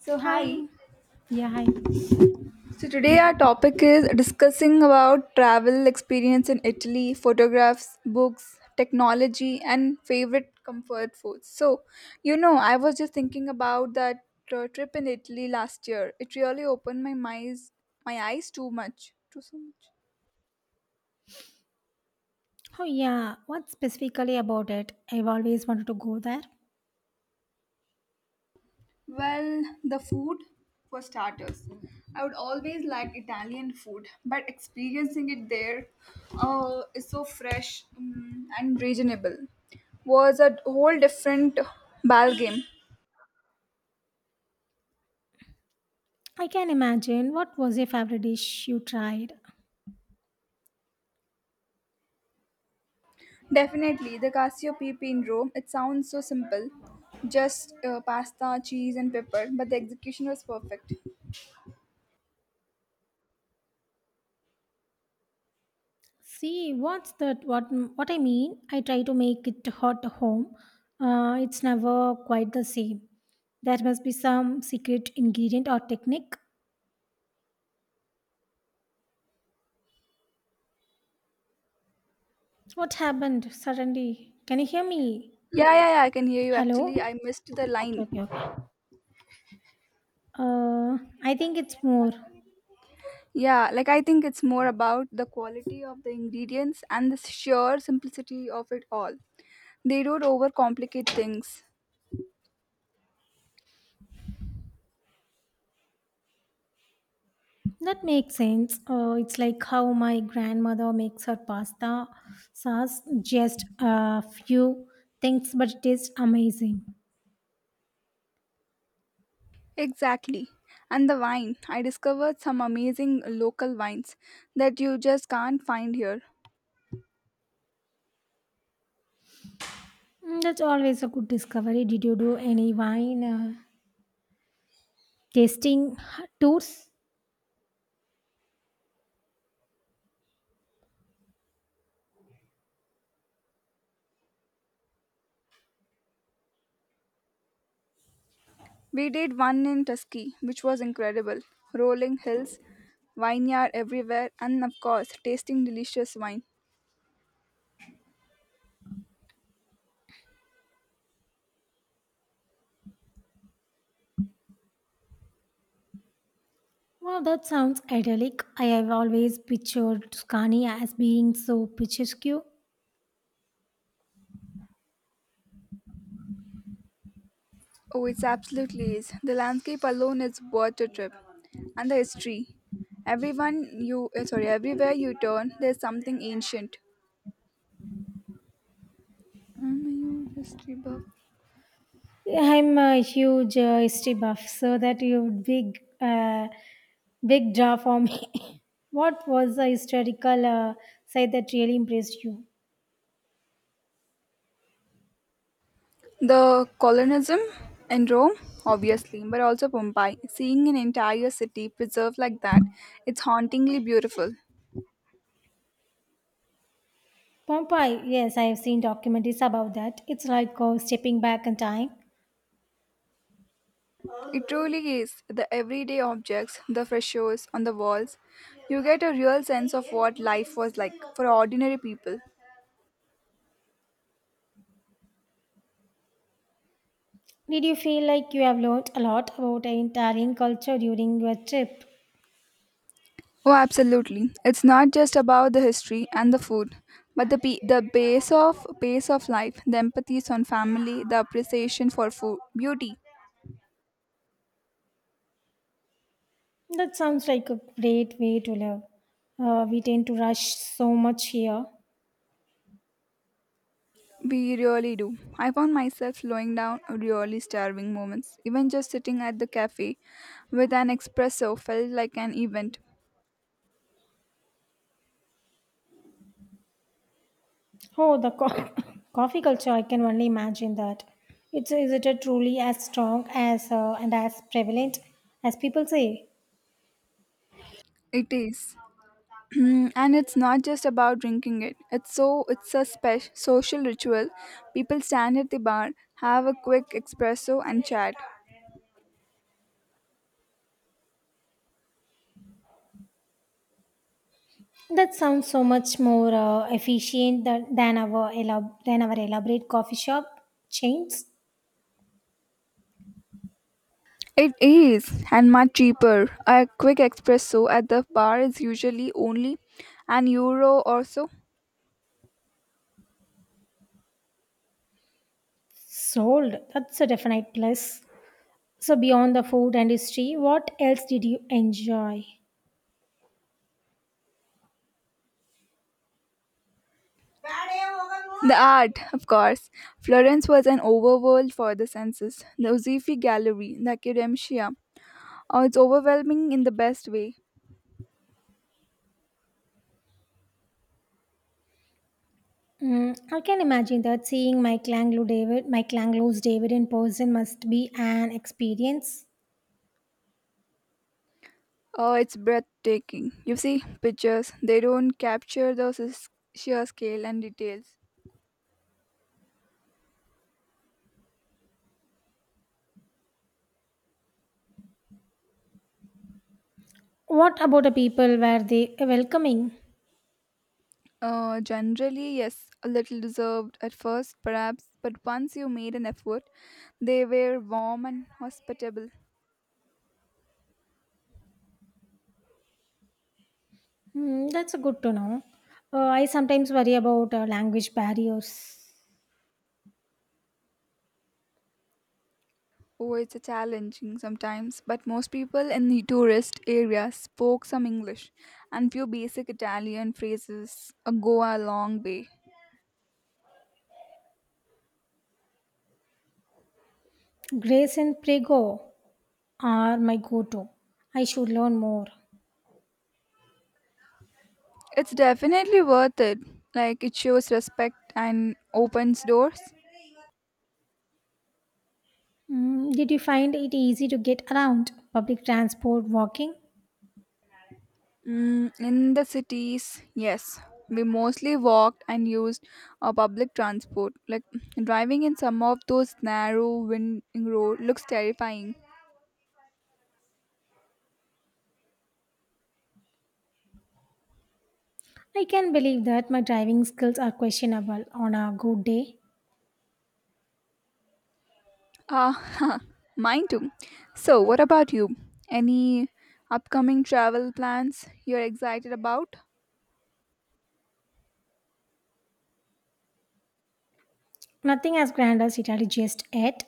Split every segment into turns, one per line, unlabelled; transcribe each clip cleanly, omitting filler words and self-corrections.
So hi.
Hi. Yeah, hi.
So today our topic is discussing about travel experience in Italy, photographs, books, technology, and favorite comfort foods. I was just thinking about that trip in Italy last year. It really opened my eyes too much, too so much.
Oh, yeah. What specifically about it? I've always wanted to go there.
Well, the food, for starters. I would always like Italian food, but experiencing it there is so fresh and reasonable. Was a whole different ball game.
I can imagine. What was your favorite dish you tried?
Definitely, the Cassiopepe in Rome, it sounds so simple. Just pasta, cheese, and pepper, but the execution was perfect.
See, what's that? What I mean? I try to make it hot home. It's never quite the same. There must be some secret ingredient or technique. What happened suddenly? Can you hear me?
Yeah, yeah, yeah, I can hear you
Hello?
actually. I missed the line.
I think it's more.
Yeah, like I think it's more about the quality of the ingredients and the sheer simplicity of it all. They don't overcomplicate things.
That makes sense. It's like how my grandmother makes her pasta sauce, just a few things, but it is amazing.
Exactly. And the wine. I discovered some amazing local wines that you just can't find here.
Mm, that's always a good discovery. Did you do any wine tasting tours?
We did one in Tusky, which was incredible. Rolling hills, vineyard everywhere, and of course, tasting delicious wine.
Wow, that sounds idyllic. I have always pictured Tuscany as being so picturesque.
Oh, it absolutely is. The landscape alone is worth a trip, and the history. Everyone you eh, sorry, everywhere you turn, there's something ancient. I'm a huge history buff.
I'm a huge history buff, so big draw for me. What was the historical site that really impressed you?
The colonism in Rome, obviously, but also Pompeii. Seeing an entire city preserved like that, it's hauntingly beautiful.
Pompeii. Yes, I have seen documentaries about that. It's like stepping back in time.
It truly is. The everyday objects, the frescoes on the walls, you get a real sense of what life was like for ordinary people.
Did you feel like you have learned a lot about Italian culture during your trip?
Oh, absolutely. It's not just about the history and the food, but the base of pace of life, the empathies on family, the appreciation for food, beauty.
That sounds like a great way to live. We tend to rush so much here.
We really do. I found myself slowing down really starving moments. Even just sitting at the cafe with an espresso felt like an event.
Oh, the coffee culture, I can only imagine that. It's, is it a truly as strong as and as prevalent as people say?
It is. And it's not just about drinking it. It's a special social ritual. People stand at the bar, have a quick espresso and chat.
That sounds so much more efficient than our than our elaborate coffee shop chains.
It is, and much cheaper. A quick espresso at the bar is usually only an euro or so.
Sold. That's a definite plus. So, beyond the food industry, what else did you enjoy?
The art, of course. Florence was an overworld for the senses. The Uffizi Gallery, the Academia. Oh, it's overwhelming in the best way.
Mm, I can imagine that seeing Mike Langlo's David in person must be an experience.
Oh, it's breathtaking. You see, pictures, they don't capture sheer scale and details.
What about the people, were they welcoming?
Generally, yes, a little reserved at first, perhaps, but once you made an effort, they were warm and hospitable.
Hmm, that's a good to know. I sometimes worry about language barriers.
Oh, it's a challenging sometimes, but most people in the tourist area spoke some English, and few basic Italian phrases go a long way.
Grace and Prego are my go-to. I should learn more.
It's definitely worth it. Like it shows respect and opens doors.
Hmm, did you find it easy to get around? Public transport, walking?
Mm, in the cities, yes. We mostly walked and used public transport. Like driving in some of those narrow winding road looks terrifying.
I can believe that. My driving skills are questionable on a good day.
Ah, mine too. So, what about you? Any upcoming travel plans you're excited about?
Nothing as grand as Italy just yet,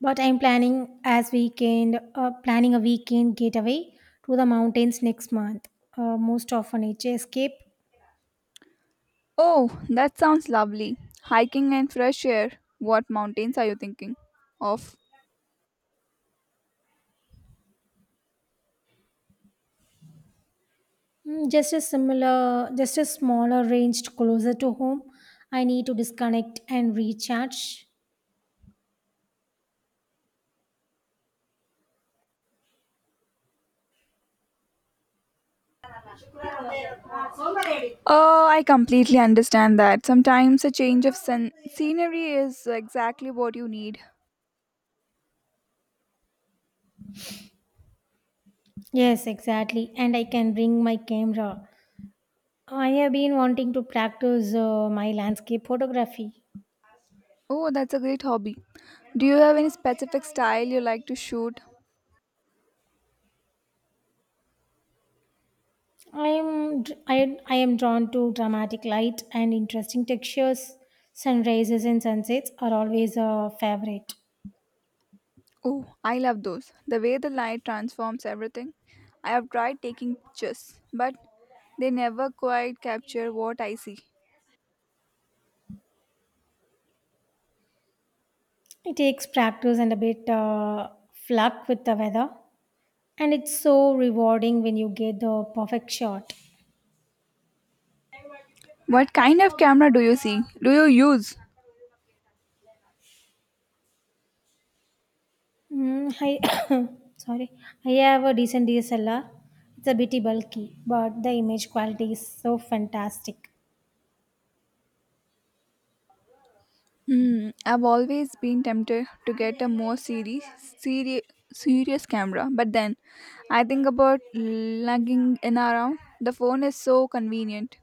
but I'm planning as weekend planning a weekend getaway to the mountains next month. Most often it's a escape.
Oh, that sounds lovely. Hiking and fresh air. What mountains are you thinking of?
Mm, just a smaller range closer to home. I need to disconnect and recharge.
Oh, I completely understand that. Sometimes a change of scenery is exactly what you need.
Yes, exactly, and I can bring my camera. I have been wanting to practice my landscape photography.
Oh, that's a great hobby. Do you have any specific style you like to shoot?
I am drawn to dramatic light and interesting textures. Sunrises and sunsets are always a favorite.
Oh, I love those. The way the light transforms everything. I have tried taking pictures, but they never quite capture what I see.
It takes practice and a bit luck with the weather, and it's so rewarding when you get the perfect shot.
What kind of camera do you use?
Mm, I sorry, I have a decent DSLR. It's a bit bulky, but the image quality is so fantastic.
Hmm, I've always been tempted to get a more serious, serious camera, but then I think about lugging in around. The phone is so convenient.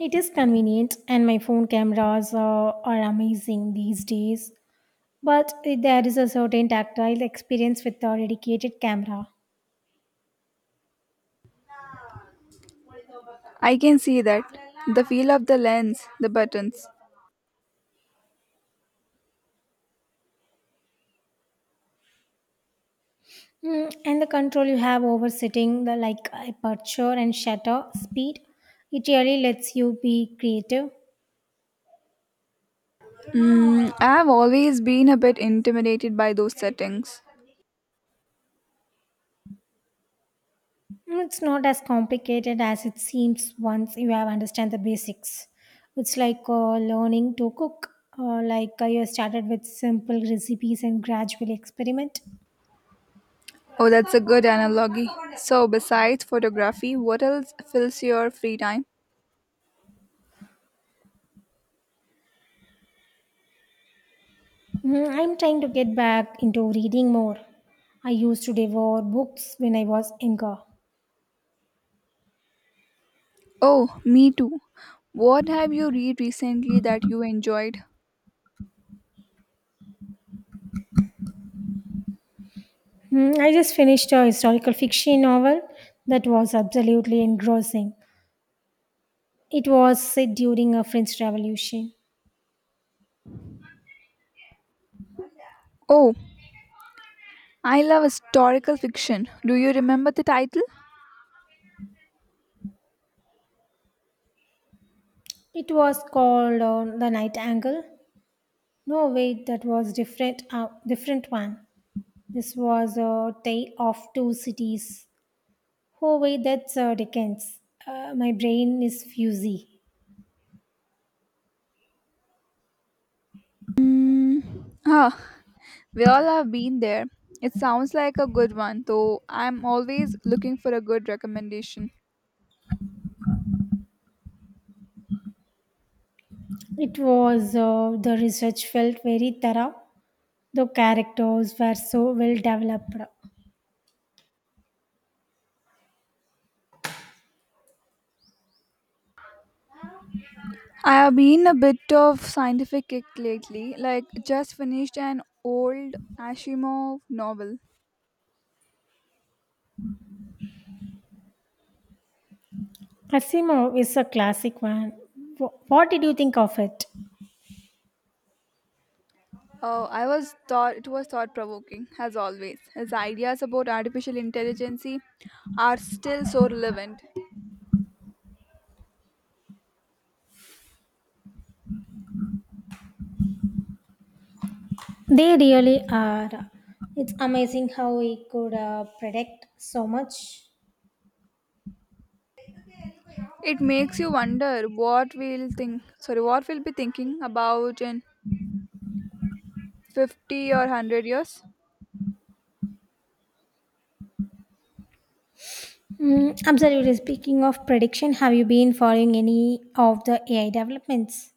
It is convenient, and my phone cameras are amazing these days. But there is a certain tactile experience with a dedicated camera.
I can see that. The feel of the lens, the buttons.
Mm, and the control you have over setting the like aperture and shutter speed, it really lets you be creative.
Mm, I've always been a bit intimidated by those settings.
Mm, it's not as complicated as it seems once you have understand the basics. It's like learning to cook. You started with simple recipes and gradually experiment.
Oh, that's a good analogy. So, besides photography, what else fills your free time?
Mm, I'm trying to get back into reading more. I used to devour books when I was younger.
Oh, me too. What have you read recently that you enjoyed?
Hmm, I just finished a historical fiction novel that was absolutely engrossing. It was set during a French Revolution.
Oh, I love historical fiction. Do you remember the title?
It was called The Night Angle. No, wait, that was different. Different one. This was a tale of two cities. Oh wait, that's Dickens. My brain is fuzzy.
Mm, ah, we all have been there. It sounds like a good one, though I'm always looking for a good recommendation.
It was the research felt very thorough. The characters were so well developed.
I have been a bit of scientific kick lately, like just finished an old Ashimov novel.
Asimov is a classic one. What did you think of it?
Oh, I was thought it was thought provoking, as always. His ideas about artificial intelligence are still so relevant.
They really are. It's amazing how we could predict so much.
It makes you wonder what we'll be thinking about in 50 or 100 years.
Mm, absolutely. Speaking of prediction, have you been following any of the AI developments?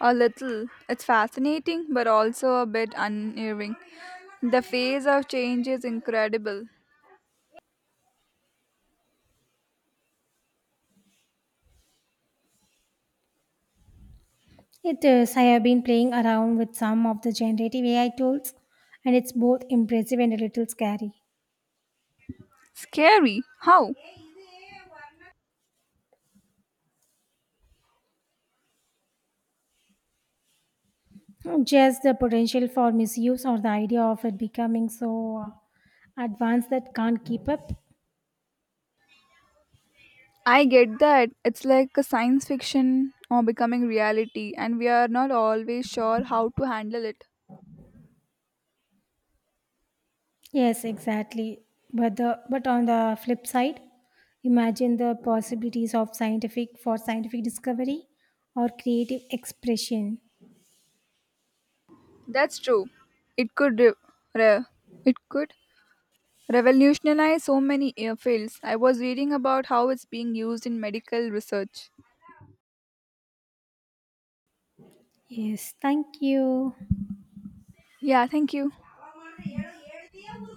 A little. It's fascinating but also a bit unnerving. The phase of change is incredible.
It is. I have been playing around with some of the generative AI tools, and it's both impressive and a little scary.
Scary. How?
Just the potential for misuse or the idea of it becoming so advanced that can't keep up.
I get that. It's like a science fiction or becoming reality, and we are not always sure how to handle it.
Yes, exactly. But on the flip side, imagine the possibilities of scientific discovery or creative expression.
That's true. It could re- re- it could revolutionized so many fields. I was reading about how it's being used in medical research.
Yes, thank you.
Yeah, thank you.